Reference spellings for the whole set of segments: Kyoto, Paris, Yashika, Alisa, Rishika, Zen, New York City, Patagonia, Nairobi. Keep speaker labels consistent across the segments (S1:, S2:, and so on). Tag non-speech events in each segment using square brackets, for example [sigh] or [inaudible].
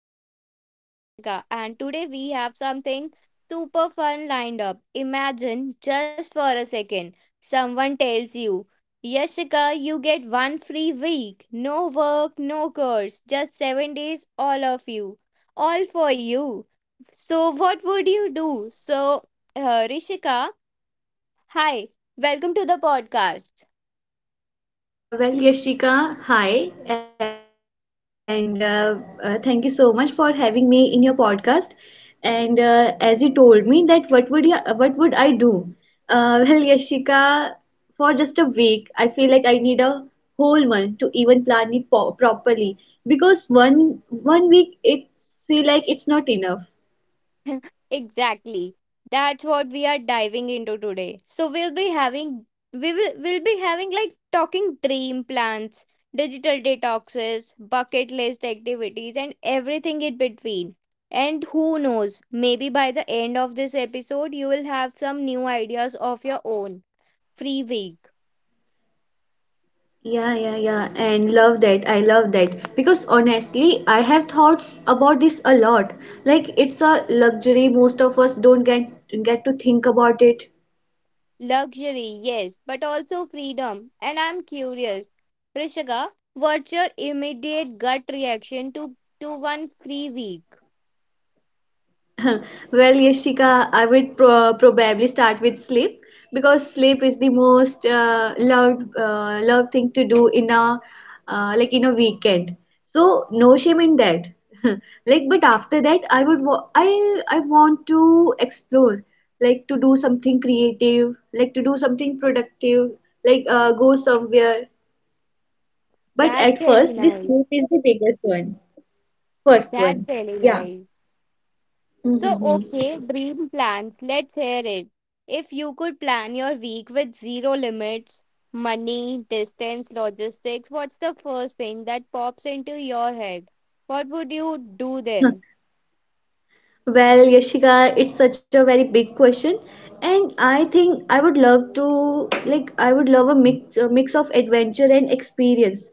S1: your host, Yashika, and today we have something super fun lined up. Imagine just for a second someone tells you, Yashika, you get one free week. No work, no course, just 7 days, all of you. All for you. So, what would you do? So, Rishika, hi, welcome to the podcast.
S2: Well, Yashika, hi, and thank you so much for having me in your podcast. And as you told me that what would I do? [laughs] Well, Yashika, for just a week, I feel like I need a whole month to even plan it po properly because one week it feel like it's not enough.
S1: [laughs] Exactly. That's what we are diving into today. So we'll be having like talking dream plans, digital detoxes, bucket list activities and everything in between. And who knows, maybe by the end of this episode you will have some new ideas of your own. Free week.
S2: Yeah, yeah, yeah, and love that. I love that because honestly, I have thoughts about this a lot. Like it's a luxury most of us don't get to think about it.
S1: Luxury, yes, but also freedom. And I'm curious, Rishika, what's your immediate gut reaction to one free week?
S2: [laughs] Well, Yashika, I would probably start with sleep because sleep is the most loved thing to do in a like in a weekend. So no shame in that. [laughs] Like, but after that, I would wa- I want to explore, like to do something creative, like to do something productive, like go somewhere. But
S1: That's
S2: at
S1: really
S2: first, the
S1: nice.
S2: sleep is the biggest one, first
S1: That's
S2: one.
S1: really
S2: Yeah.
S1: nice. So, okay, dream plans. Let's hear it. If you could plan your week with zero limits, money, distance, logistics, what's the first thing that pops into your head? What would you do
S2: [laughs]
S1: then?
S2: Well, Yashika, it's such a very big question, and I think I would love a mix of adventure and experience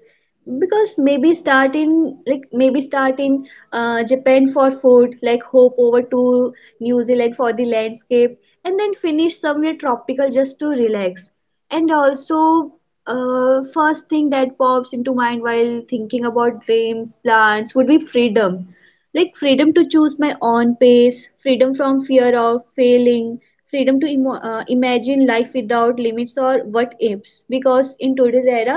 S2: because maybe start in Japan for food, like hop over to New Zealand for the landscape, and then finish somewhere tropical just to relax. And also, first thing that pops into mind while thinking about dream plans would be freedom, like freedom to choose my own pace, freedom from fear of failing, freedom to imo imagine life without limits or what ifs. Because in today's era,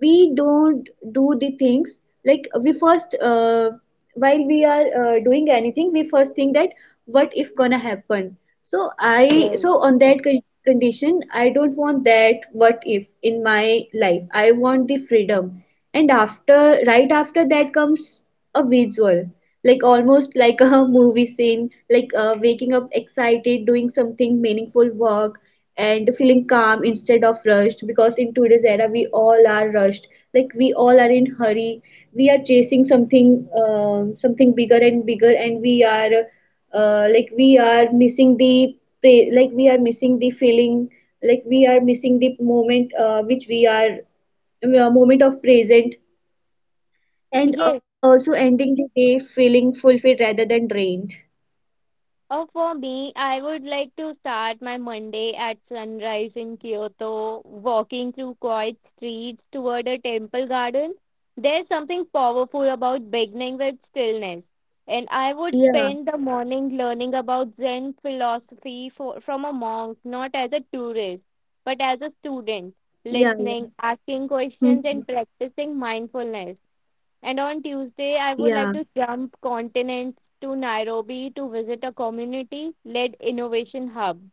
S2: we don't do the things, like while we are doing anything, we first think that what if gonna happen. So I,
S1: Yes.
S2: so on that condition, I don't want that what if in my life. I want the freedom, and right after that comes a visual, like almost like a [laughs] movie scene, like waking up excited, doing something meaningful work and feeling calm instead of rushed, because in today's era we all are rushed, like we all are in hurry. We are chasing something, something bigger and bigger, and we are we are missing the pa- like we are missing the feeling, like we are missing the moment, which we are, moment of present,
S1: Yes.
S2: and also ending the day feeling fulfilled rather than drained.
S1: Oh, for me, I would like to start my Monday at sunrise in Kyoto, walking through quiet streets toward a temple garden. There's something powerful about beginning with stillness. And I would spend the
S2: Yeah,
S1: morning learning about Zen philosophy from a monk, not as a tourist, but as a student,
S2: yeah, yeah.
S1: listening, asking
S2: Mhm.
S1: questions, and practicing mindfulness. And on Tuesday, I
S2: Yeah,
S1: would like to jump continents to Nairobi to visit a community led innovation hub.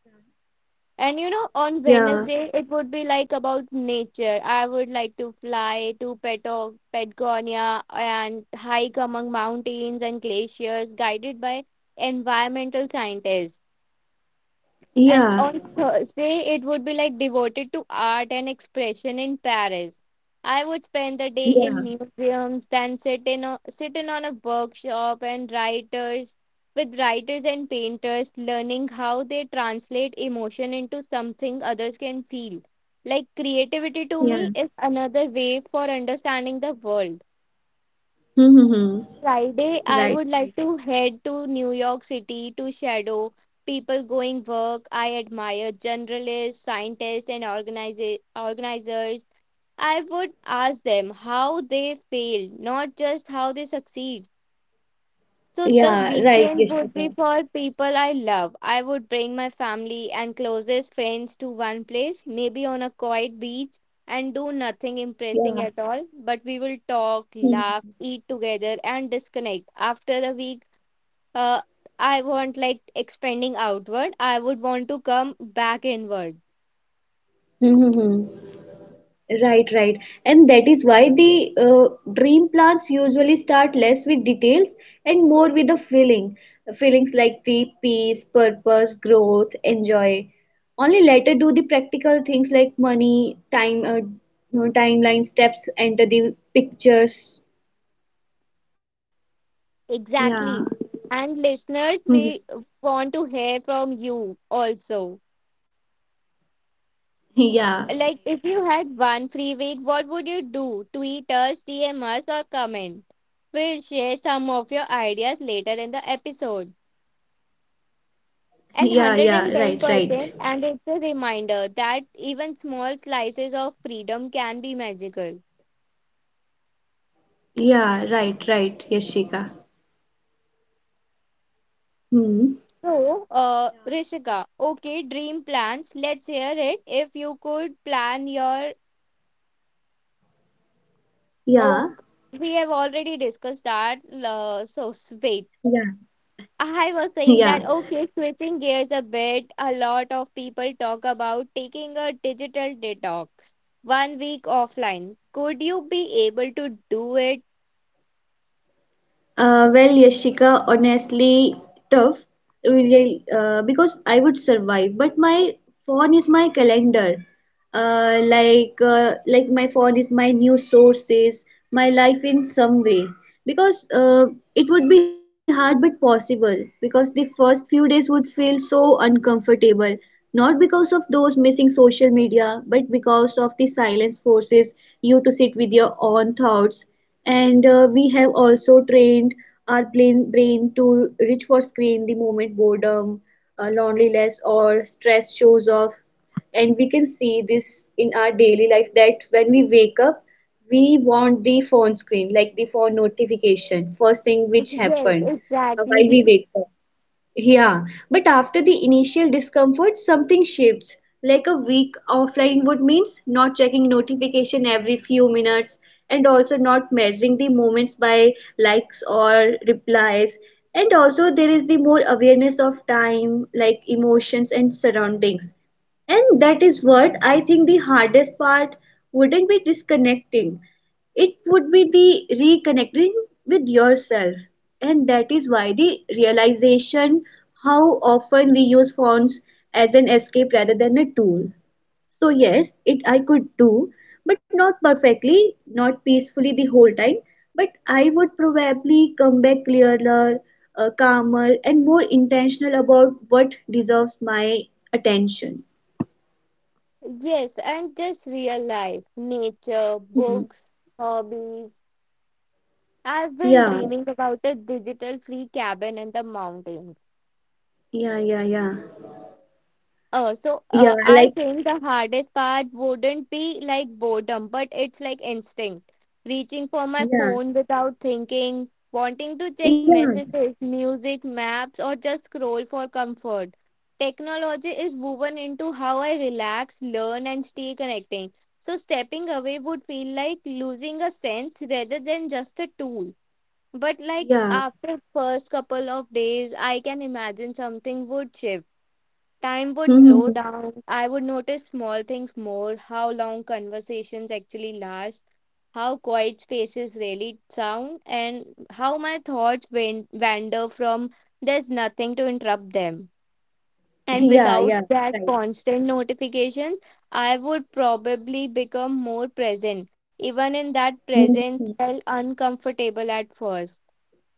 S1: And you know, on
S2: yeah,
S1: Wednesday, it would be like about nature. I would like to fly to Patagonia and hike among mountains and glaciers guided by environmental scientists. And
S2: yeah,
S1: on Thursday, it would be like devoted to art and expression in Paris. I would spend the day in
S2: yeah,
S1: museums, then sit in on a workshop and writers with writers and painters, learning how they translate emotion into something others can feel. Like creativity to me
S2: yeah.
S1: is another way for understanding the world.
S2: Mm-hmm.
S1: Friday, I would
S2: Right,
S1: like
S2: right.
S1: to head to New York City to shadow people going work I admire, journalists, scientists, and organizers. I would ask them how they fail, not just how they succeed. So the
S2: Yeah, right,
S1: weekend would be
S2: Yashika.
S1: for people I love. I would bring my family and closest friends to one place, maybe on a quiet beach, and do nothing
S2: Yeah.
S1: impressing at all. But we will talk, laugh, eat together, and disconnect. After a week, uh, I want like expanding outward. I would want to come back inward.
S2: Mhm. Right, right. And that is why the dream plans usually start less with details and more with the feeling. Feelings like the peace, purpose, growth, enjoy. Only later do the practical things like money, no, timeline, steps enter the pictures. Yeah.
S1: Exactly. And listeners,
S2: Mhm.
S1: we want to hear from you also.
S2: Yeah.
S1: Like, if you had one free week, what would you do? Tweet us, DM us, or comment. We'll share some of your ideas later in the episode.
S2: Yeah, yeah, right,
S1: And
S2: right.
S1: 110%, and it's a reminder that even small slices of freedom can be magical.
S2: Yeah, right, right, Yashika. Hmm.
S1: So,
S2: Yeah.
S1: Rishika, okay, dream plans. Let's hear it. If you could plan your
S2: Yeah.
S1: oak, we have already discussed that. Uh, so, s-
S2: Yeah.
S1: wait. I was
S2: Yeah.
S1: saying that okay, switching gears a bit, a lot of people talk about taking a digital detox, one week offline. Could you be able to do it?
S2: Well, Yashika, honestly, tough. Really. Because I would survive, but my phone is my calendar, my phone is my new sources, my life in some way, because it would be hard but possible, because the first few days would feel so uncomfortable, not because of those missing social media but because of the silence forces you to sit with your own thoughts. And we have also trained our brain to reach for screen the moment boredom, loneliness or stress shows off. And we can see this in our daily life that when we wake up we want the phone screen, like the phone notification first thing which
S1: Yes,
S2: happened while
S1: exactly.
S2: we
S1: [laughs]
S2: wake up. Yeah, but after the initial discomfort, something shifts. Like a week offline would means not checking notification every few minutes, and also not measuring the moments by likes or replies. And also there is the more awareness of time, like emotions and surroundings. And that is what I think: the hardest part wouldn't be disconnecting, it would be the reconnecting with yourself. And that is why the realization: how often we use phones as an escape rather than a tool. So yes, it I could do, but not perfectly, not peacefully the whole time, but I would probably come back clearer, calmer and more intentional about what deserves my attention.
S1: Yes, and just real life, nature,
S2: Mhm.
S1: books, hobbies. I've been
S2: Yeah,
S1: dreaming about a digital free cabin in the mountains.
S2: yeah, yeah, yeah,
S1: So
S2: yeah,
S1: I
S2: like,
S1: think the hardest part wouldn't be like boredom, but it's like instinct. Reaching for my
S2: yeah,
S1: phone without thinking, wanting to check
S2: yeah,
S1: messages, music, maps, or just scroll for comfort. Technology is woven into how I relax, learn, and stay connecting. So stepping away would feel like losing a sense rather than just a tool. But like
S2: yeah.
S1: after first couple of days, I can imagine something would shift. Time would slow
S2: Hmm.
S1: down. I would notice small things more, how long conversations actually last, how quiet spaces really sound, and how my thoughts wander from there's nothing to interrupt them. And without
S2: Yeah,
S1: that
S2: yeah, right.
S1: constant notification, I would probably become more present. Even in that presence,
S2: Hmm.
S1: felt uncomfortable at first.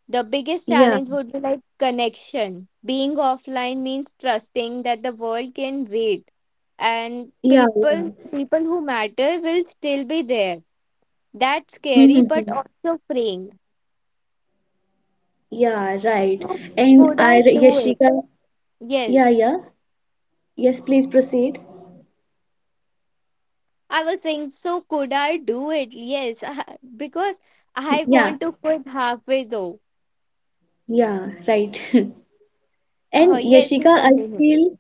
S1: The biggest challenge would be
S2: Yeah,
S1: like connection. Being offline means trusting that the world can wait and
S2: yeah,
S1: people
S2: yeah.
S1: people who matter will still be there. That's scary but
S2: Mm-hmm.
S1: also freeing.
S2: Yeah, right.
S1: So
S2: And
S1: could
S2: I,
S1: I do it?
S2: Yashika, yeah,
S1: Yes.
S2: yeah. Yes, please proceed.
S1: I was saying so could I do it? Yes. [laughs] Because I
S2: Yeah,
S1: want to quit halfway though.
S2: yeah, right. [laughs] And
S1: Yes,
S2: Yashika,
S1: you
S2: I
S1: continue.
S2: feel,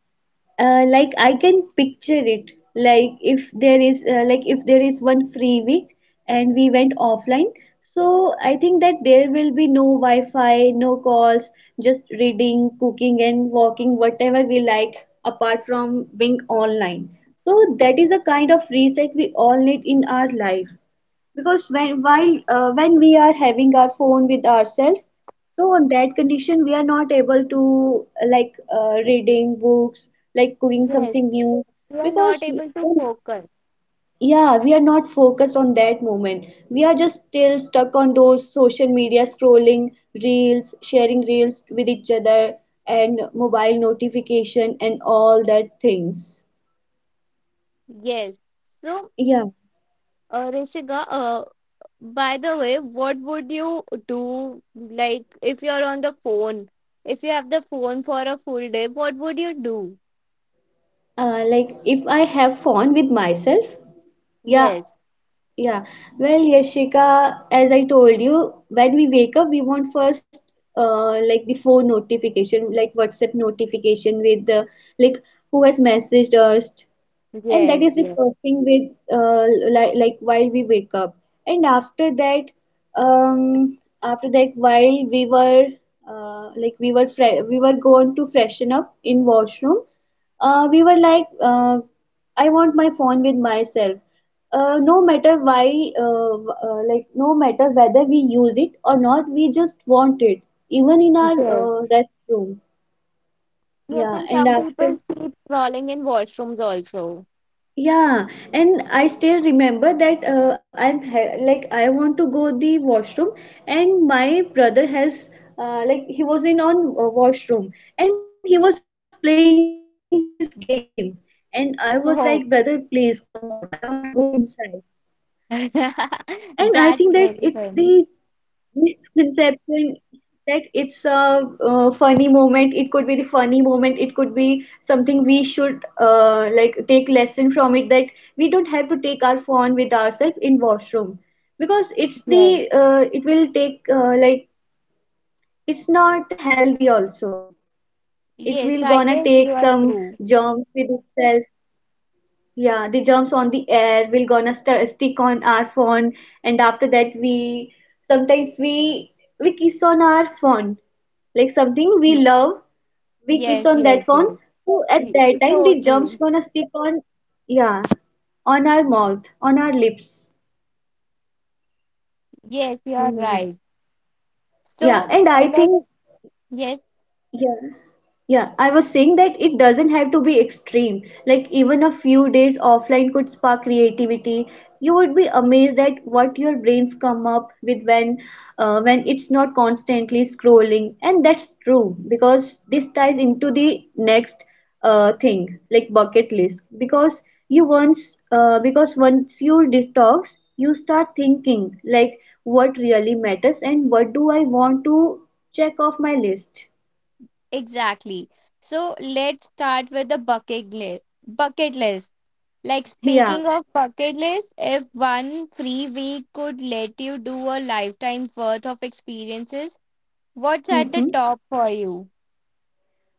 S2: like I can picture it. If there is one free week and we went offline, so I think that there will be no Wi-Fi, no calls, just reading, cooking, and walking, whatever we like apart from being online. So that is a kind of reset we all need in our life, because when we are having our phone with ourselves, so on that condition we are not able to reading books, like doing
S1: Yes.
S2: something new,
S1: You are
S2: because
S1: not able to
S2: um,
S1: focus.
S2: yeah, we are not focused on that moment, we are just still stuck on those social media scrolling, reels, sharing reels with each other and mobile notification and all that things.
S1: Yes. So
S2: Yeah.
S1: Rishika, by the way, what would you do like if you're on the phone? If you have the phone for a full day, what would you do?
S2: Like if I have fun with myself. Yeah.
S1: Yes,
S2: Yeah. Well, Yashika, as I told you, when we wake up, we want first the phone notification, like WhatsApp notification with the, like, who has messaged us, and that is
S1: yes,
S2: the
S1: yes,
S2: first thing with while we wake up. And after that, um after that, while we were we were we were going to freshen up in washroom, we were like I want my phone with myself, no matter why, no matter whether we use it or not, we just want it, even in our
S1: yes.
S2: restroom.
S1: Yes,
S2: Yeah.
S1: and
S2: And
S1: some
S2: after.
S1: people keep crawling in washrooms also.
S2: Yeah, and I still remember that, I'm ha- like I want to go the washroom, and my brother has like he was in on washroom, and he was playing his game, and I was like, brother,
S1: Oh,
S2: please come out. I want to go inside.
S1: [laughs]
S2: And I
S1: that's
S2: think that
S1: very
S2: it's
S1: funny.
S2: the misconception that it's a funny moment. It could be the funny moment, it could be something we should take lesson from, it that we don't have to take our phone with ourselves in washroom, because
S1: Yes,
S2: it's not healthy also, it
S1: yes,
S2: will
S1: I
S2: gonna
S1: guess you
S2: take
S1: are
S2: some
S1: true.
S2: germs with itself. Yeah, the germs on the air will gonna st stick on our phone, and after that we sometimes we kiss on our phone, like something we love, we kiss on
S1: Yes,
S2: that
S1: yes,
S2: phone.
S1: yes.
S2: So at
S1: Y-
S2: that time, the
S1: So
S2: germs
S1: true.
S2: gonna stick on, yeah, on our mouth, on our lips.
S1: Yes, you are
S2: Hmm.
S1: right.
S2: Yeah, and
S1: So
S2: I
S1: let's.
S2: think,
S1: Yes.
S2: yeah. Yeah, I was saying that it doesn't have to be extreme. Like, even a few days offline could spark creativity. You would be amazed at what your brains come up with when it's not constantly scrolling. And that's true because this ties into the next thing, like bucket list. Because once you detox, you start thinking, like, what really matters and what do I want to check off my list.
S1: Exactly. So let's start with the bucket list. Bucket list. Like
S2: [laughs] Yeah.
S1: speaking of bucket list, if one free week could let you do a lifetime worth of experiences, what's at the
S2: Mm-hmm.
S1: top for you?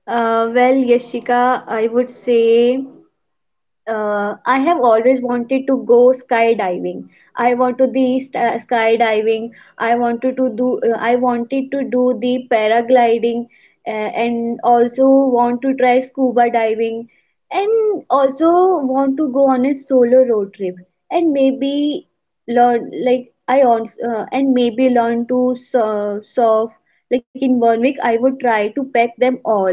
S2: Well, Yashika, I would say I have always wanted to go skydiving. I want to skydiving. I wanted to do. I wanted to do the paragliding, and also want to try scuba diving, and also want to go on a solo road trip, and maybe learn to solve. Like in 1 week, I would try to pack them all,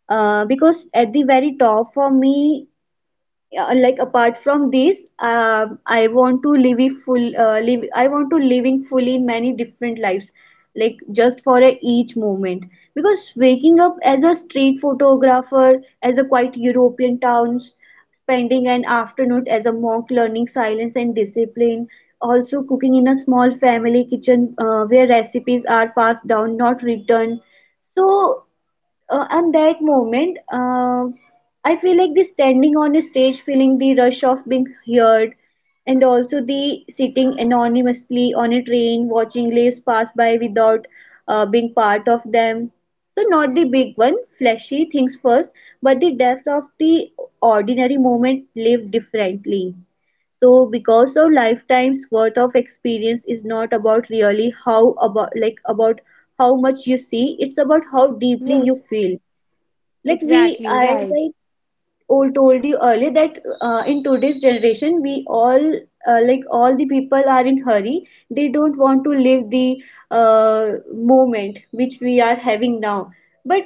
S2: because at the very top for me, apart from this, I want to live a full, live I want to living fully many different lives, like just for a each moment, because waking up as a street photographer, as a quiet European towns, spending an afternoon as a monk learning silence and discipline, also cooking in a small family kitchen where recipes are passed down, not returned. so and that moment, I feel like the standing on a stage, feeling the rush of being heard, and also the sitting anonymously on a train watching lives pass by without being part of them. So not the big one flashy things first, but the depth of the ordinary moment lived differently. So because of lifetime's worth of experience is not about really how, about like about how much you see, it's about how deeply you
S1: Yes,
S2: feel. Like we,
S1: exactly, right.
S2: told you earlier, that in today's generation, we all, all the people are in hurry. They don't want to live the uh, moment which we are having now. But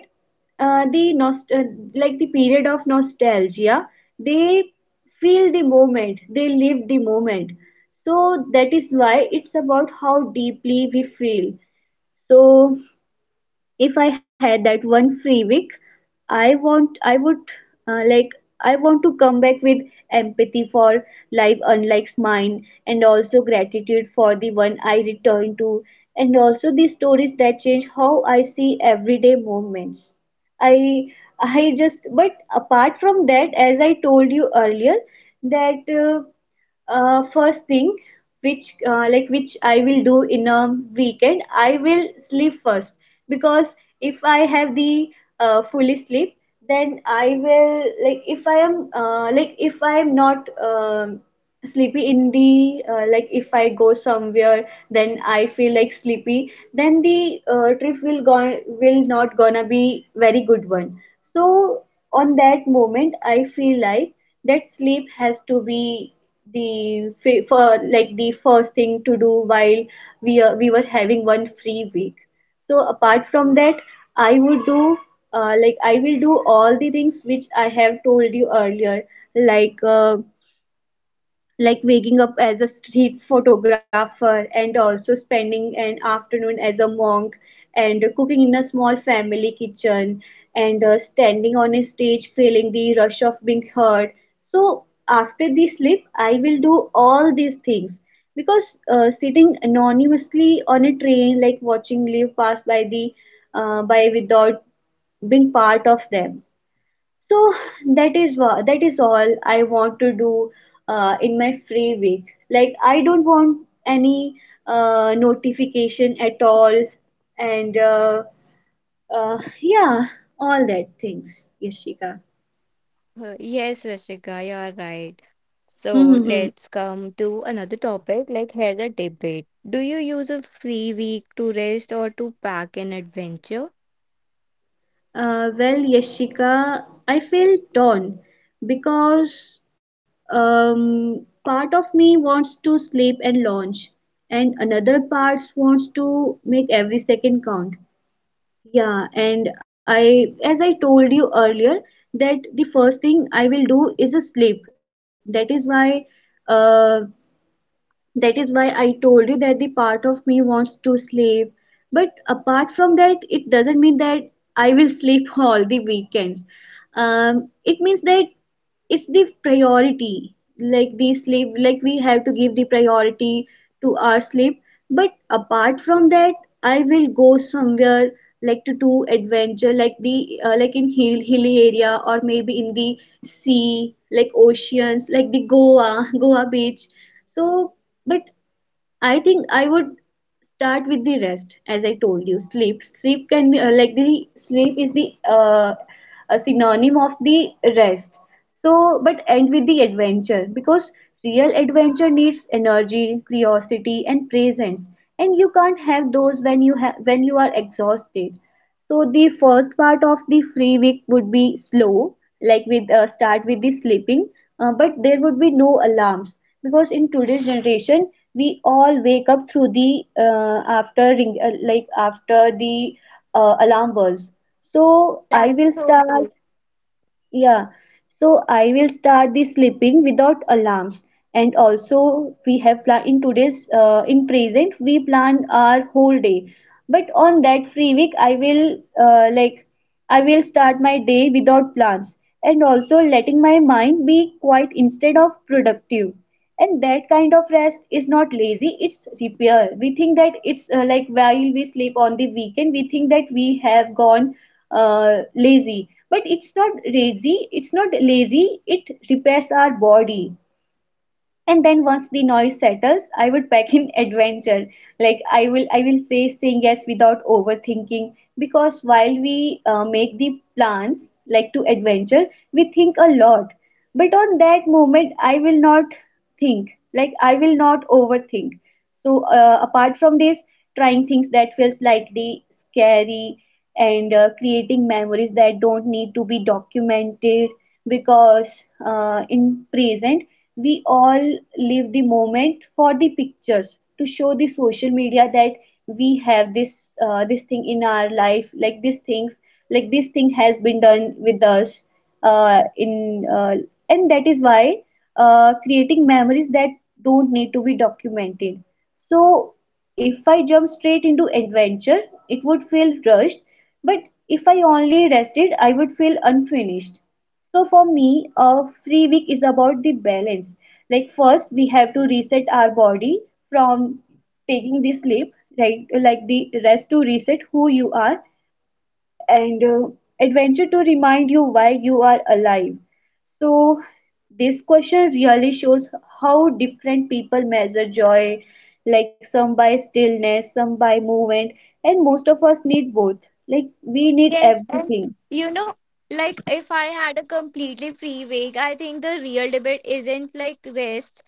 S2: uh, the nost- uh, like the period of nostalgia, they feel the moment, they live the moment. So that is why it's about how deeply we feel. So if I had that one free week, I would uh, like I want to come back with empathy for life unlike mine, and also gratitude for the one I return to, and also the stories that change how I see everyday moments. I I just but apart from that, as I told you earlier, that first thing which I will do in a weekend, I will sleep first. Because if I have the fully sleep, then I will like if I am like if I am not sleepy in the like if I go somewhere then I feel like sleepy, then the trip will go will not gonna be very good one. So on that moment I feel like that sleep has to be the fi- for like the first thing to do while we were having one free week. So apart from that, I would do I will do all the things which I have told you earlier, like like waking up as a street photographer, and also spending an afternoon as a monk, and cooking in a small family kitchen, and standing on a stage feeling the rush of being heard. So after the sleep I will do all these things. Because sitting anonymously on a train, like watching live pass by the by without being part of them. So that is all I want to do in my free week. Like I don't want any notification at all, and yeah, all that things, Yashika.
S1: Yes, Rashika, you're right. So
S2: Mm-hmm.
S1: let's come to another topic, like here's a debate. Do you use a free week to rest or to pack an adventure?
S2: Well, Yashika, I feel torn because part of me wants to sleep and launch, and another part wants to make every second count. Yeah, and I, as I told you earlier, that the first thing I will do is a sleep. Uh, that is why I told you that the part of me wants to sleep. But apart from that, it doesn't mean that I will sleep [laughs] all the weekends. It means that it's the priority, like the sleep, like we have to give the priority to our sleep. But apart from that, I will go somewhere, like to do adventure, like the like in hilly area, or maybe in the sea like oceans, like the Goa [laughs] Goa beach. So but I think I would start with the rest, as I told you. Sleep, sleep can be the sleep is the a synonym of the rest. So, but end with the adventure, because real adventure needs energy, curiosity, and presence, and you can't have those when you are exhausted. So the first part of the free week would be slow, like with start with the sleeping, but there would be no alarms, because in today's generation we all wake up through the after ring like after the alarm bells. So I
S1: That's
S2: will
S1: so
S2: start.
S1: true.
S2: Yeah, so I will start the sleeping without alarms. And also, we have plan in today's in present we plan our whole day. But on that free week, I will I will start my day without plans, and also letting my mind be quiet instead of productive. And that kind of rest is not lazy, it's repair. We think that it's like while we sleep on the weekend we think that we have gone lazy, but it's not lazy, it repairs our body. And then once the noise settles, I would pack in [laughs] adventure, like I will saying yes without overthinking, because while we make the plans, like to adventure, we think a lot. But on that moment I will not think, like I will not overthink. So apart from this, trying things that feel slightly scary, and creating memories that don't need to be documented. Because in present we all live the moment for the pictures to show the social media that we have this thing in our life, like these things, like this thing has been done with us, in and that is why creating memories that don't need to be documented. So if I jump straight into adventure, it would feel rushed, but if I only rested, I would feel unfinished. So for me, a free week is about the balance. Like first we have to reset our body from taking the sleep right, like the rest, to reset who you are, and adventure to remind you why you are alive. So this question really shows how different people measure joy, like some by stillness, some by movement, and most of us need both. Like, we need
S1: Yes, and
S2: everything.
S1: you know, like if I had a completely free week, I think the real debate isn't like rest.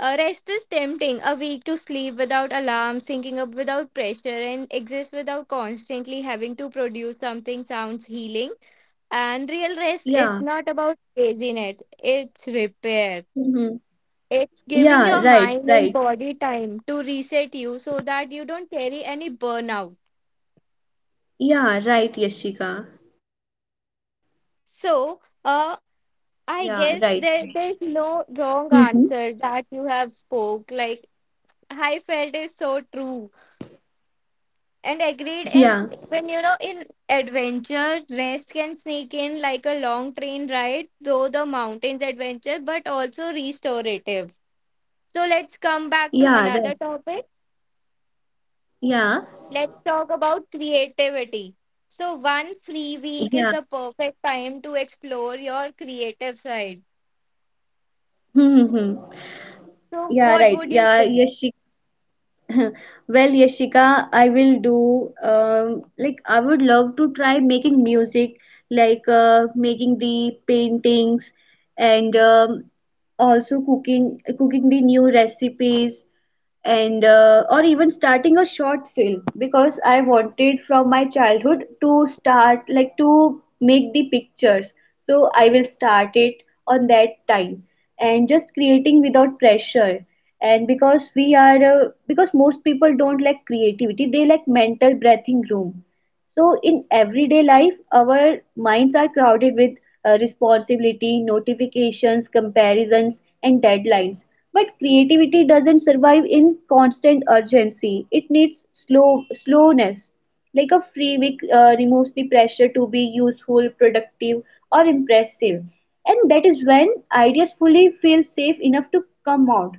S1: Rest is tempting. A week to sleep without alarm, syncing up without pressure, and exist without constantly having to produce something sounds healing. And real rest
S2: Yeah.
S1: is not about laziness, it's repair.
S2: Mm-hmm.
S1: It's giving
S2: Yeah,
S1: your
S2: right,
S1: mind and
S2: right.
S1: body time to reset you so that you don't carry any burnout.
S2: Yeah, right, Yashika.
S1: So,
S2: Yeah, right, right.
S1: I guess there's
S2: Mm-hmm.
S1: no wrong answer that you have spoke. Like I felt is so true and
S2: Yeah,
S1: agreed. And even you know in adventure, rest can sneak in like a long train ride, though the mountains adventure, but also restorative. So let's come back to
S2: yeah, right.
S1: another topic.
S2: Yeah,
S1: Let's talk about creativity. So one free week is
S2: yeah.
S1: the perfect time to explore your creative side.
S2: Mm-hmm.
S1: So
S2: Yeah,
S1: what
S2: right.
S1: would you
S2: Yeah,
S1: do?
S2: Yashika. [laughs] Well, Yashika, I will do. I would love to try making music, like making the paintings, and also cooking, cooking the new recipes, and or even starting a short film, because I wanted from my childhood to start, like to make the pictures. So I will start it on that time, and just creating without pressure. And because we are because most people don't like creativity, they like mental breathing room. So, in everyday life, our minds are crowded with responsibility, notifications, comparisons, and deadlines. But creativity doesn't survive in constant urgency. It needs slowness. Like a free week removes the pressure to be useful, productive, or impressive. And that is when ideas fully feel safe enough to come out.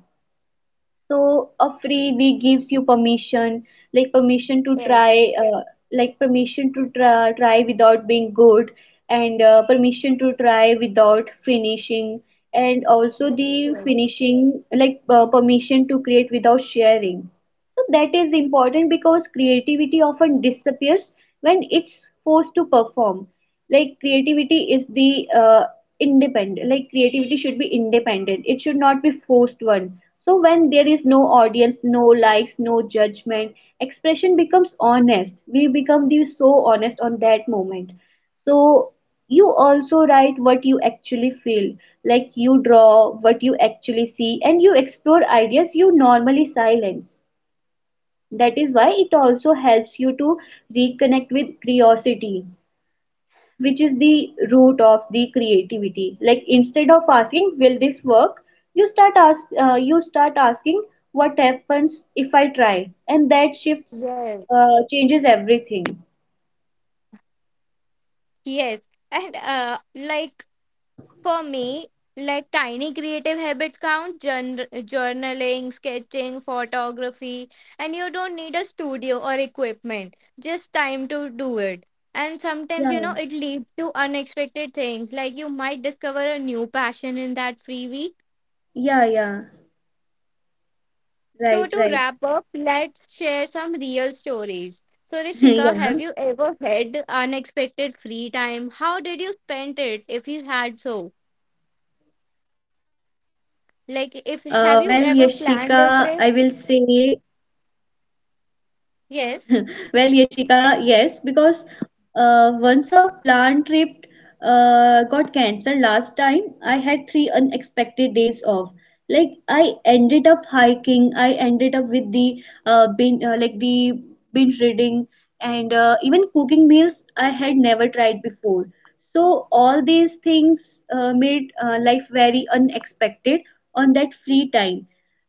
S2: So a free week gives you permission, like permission to
S1: Yes.
S2: try, uh, like permission to try, try without being good, and permission to try without finishing, and also
S1: Yes,
S2: the
S1: yes.
S2: finishing, like permission to create without sharing. So that is important because creativity often disappears when it's forced to perform. Like creativity is the independent. Like creativity should be independent. It should not be forced one. So when there is no audience, no likes, no judgment, expression becomes honest. We become the so honest on that moment. So you also write what you actually feel, like you draw what you actually see, and you explore ideas you normally silence. That is why it also helps you to reconnect with curiosity, which is the root of the creativity. Like instead of asking, "Will this work?" you start ask you start asking, "What happens if I try?" And that shifts
S1: Yes.
S2: changes everything.
S1: Yes. And like for me, like tiny creative habits count journaling, sketching, photography, and you don't need a studio or equipment, just time to do it. And sometimes, you know,
S2: Yeah,
S1: it leads to unexpected things. Like you might discover a new passion in that freebie.
S2: yeah, yeah.
S1: So
S2: Right,
S1: to
S2: right.
S1: wrap up, let's share some real stories. So
S2: [laughs]
S1: Rishika,
S2: Yeah.
S1: have you ever had unexpected free time? How did you spend it if you had so?
S2: Well,
S1: Like if
S2: Yashika,
S1: have
S2: I
S1: you
S2: will
S1: ever planned a
S2: say
S1: trip?
S2: well,
S1: Yes.
S2: Yashika, yes, because once a plant trip got cancelled last time, I had 3 unexpected days off. Like I ended up hiking, I ended up with the like the binge reading, and even cooking meals I had never tried before. So all these things made life very unexpected on that free time,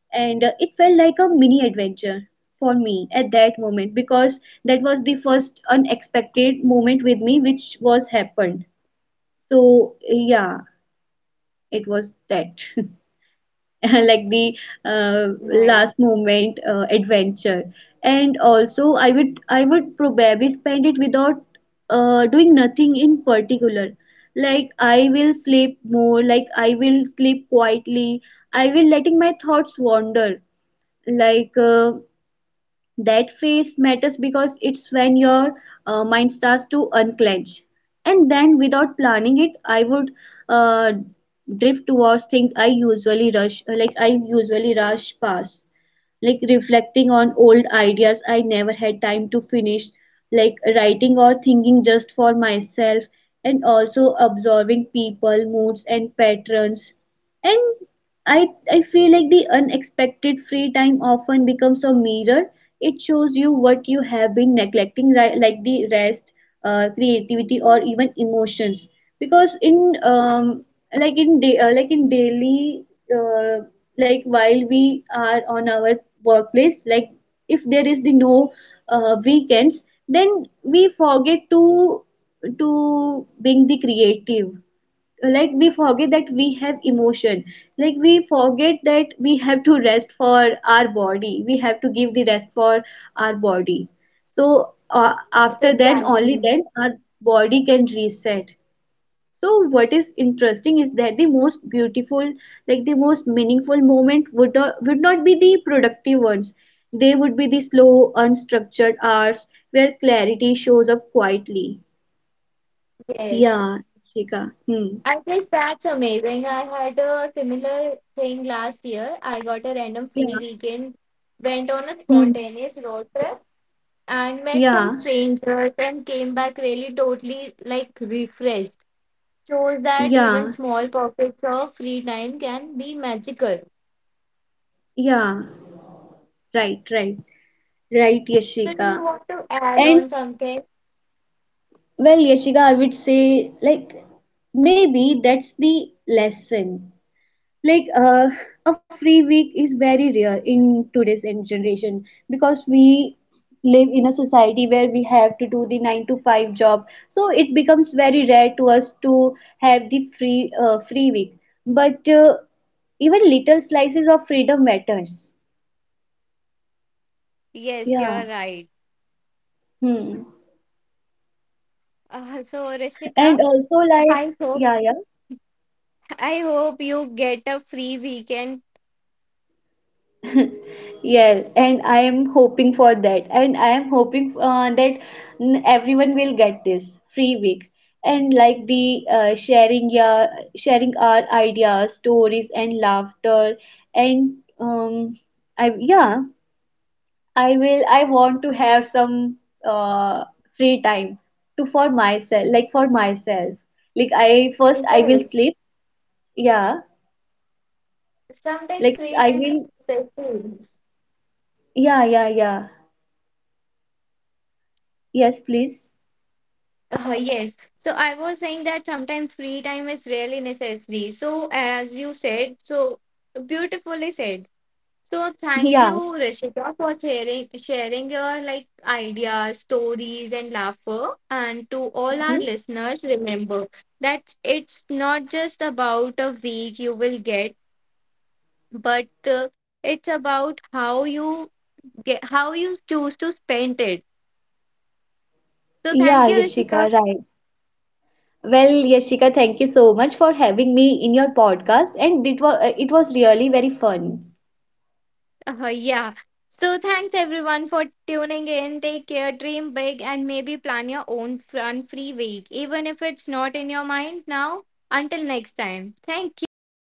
S2: and it felt like a mini adventure for me at that moment, because that was the first unexpected moment with me which was happened. So yeah, it was that [laughs] like the
S1: That's
S2: uh,
S1: really nice.
S2: last moment adventure. And also I would probably spend it without doing nothing in particular, like I will sleep more, like I will sleep quietly, I will letting my thoughts wander, like that phase matters because it's when your mind starts to unclench. And then without planning it, I would uh, drift towards things I usually rush like I usually rush past, like reflecting on old ideas I never had time to finish, like writing or thinking just for myself, and also observing people moods and patterns. And I feel like the unexpected free time often becomes a mirror. It shows you what you have been neglecting, like the rest, creativity, or even emotions. Because in day, like in daily, uh, like while we are on our workplace, like if there is the no weekends, then we forget to being the creative, like we forget that we have emotion, like we forget that we have to rest for our body we have to give the rest for our body. So
S1: It's
S2: after then, only
S1: exactly.
S2: then our body can reset. So what is interesting is that the most beautiful, like the most meaningful moment would not be the productive ones. They would be the slow unstructured hours where clarity shows up quietly.
S1: Yes.
S2: Yeah, Shika. Hmm.
S1: I guess that's amazing. I had a similar thing last year. I got a
S2: Yeah.
S1: random free weekend, went
S2: Hmm.
S1: on a spontaneous road trip and
S2: Yeah,
S1: met some strangers and came back really totally like refreshed. Shows
S2: yeah,
S1: that even small pockets of free time can be magical.
S2: yeah. Right, right, right,
S1: So,
S2: Yashika.
S1: do you want to add
S2: And
S1: on something?
S2: well, Yashika, I would say, like maybe that's the lesson. Like a free week is very rare in today's generation, because we live in a society where we have to do the 9-to-5 job. So it becomes very rare to us to have the free week. But even little slices of freedom matters.
S1: Yes, you're
S2: Yeah.
S1: right.
S2: Hmm.
S1: So, Rishnika,
S2: And also like
S1: I hope
S2: yeah, yeah.
S1: I hope you get a free weekend.
S2: [laughs] Yeah, and I am hoping for that, and I am hoping that everyone will get this free week, and like the sharing, yeah, sharing our ideas, stories, and laughter. And I, yeah, I will I want to have some uh free time to for myself, like for myself, like I first
S1: It
S2: I will
S1: is.
S2: sleep. Yeah,
S1: Sometimes
S2: like I
S1: free time
S2: will
S1: is necessary.
S2: Yeah, yeah, yeah. Yes, please.
S1: Yes. So I was saying that sometimes free time is really necessary. So as you said, so beautifully said. So thank
S2: Yeah.
S1: you, Rishika, for sharing your like ideas, stories, and laughter. And to all our
S2: Mhm.
S1: listeners, remember that it's not just about a week you will get, but it's about how you get how you choose to spend it. So
S2: Yeah,
S1: thank you,
S2: Yashika,
S1: Rishika,
S2: right. Well, Yashika, thank you so much for having me in your podcast, and it was really very fun.
S1: Yeah. So thanks everyone for tuning in. Take care, dream big, and maybe plan your own fun free week, even if it's not in your mind now. Until next time, thank you.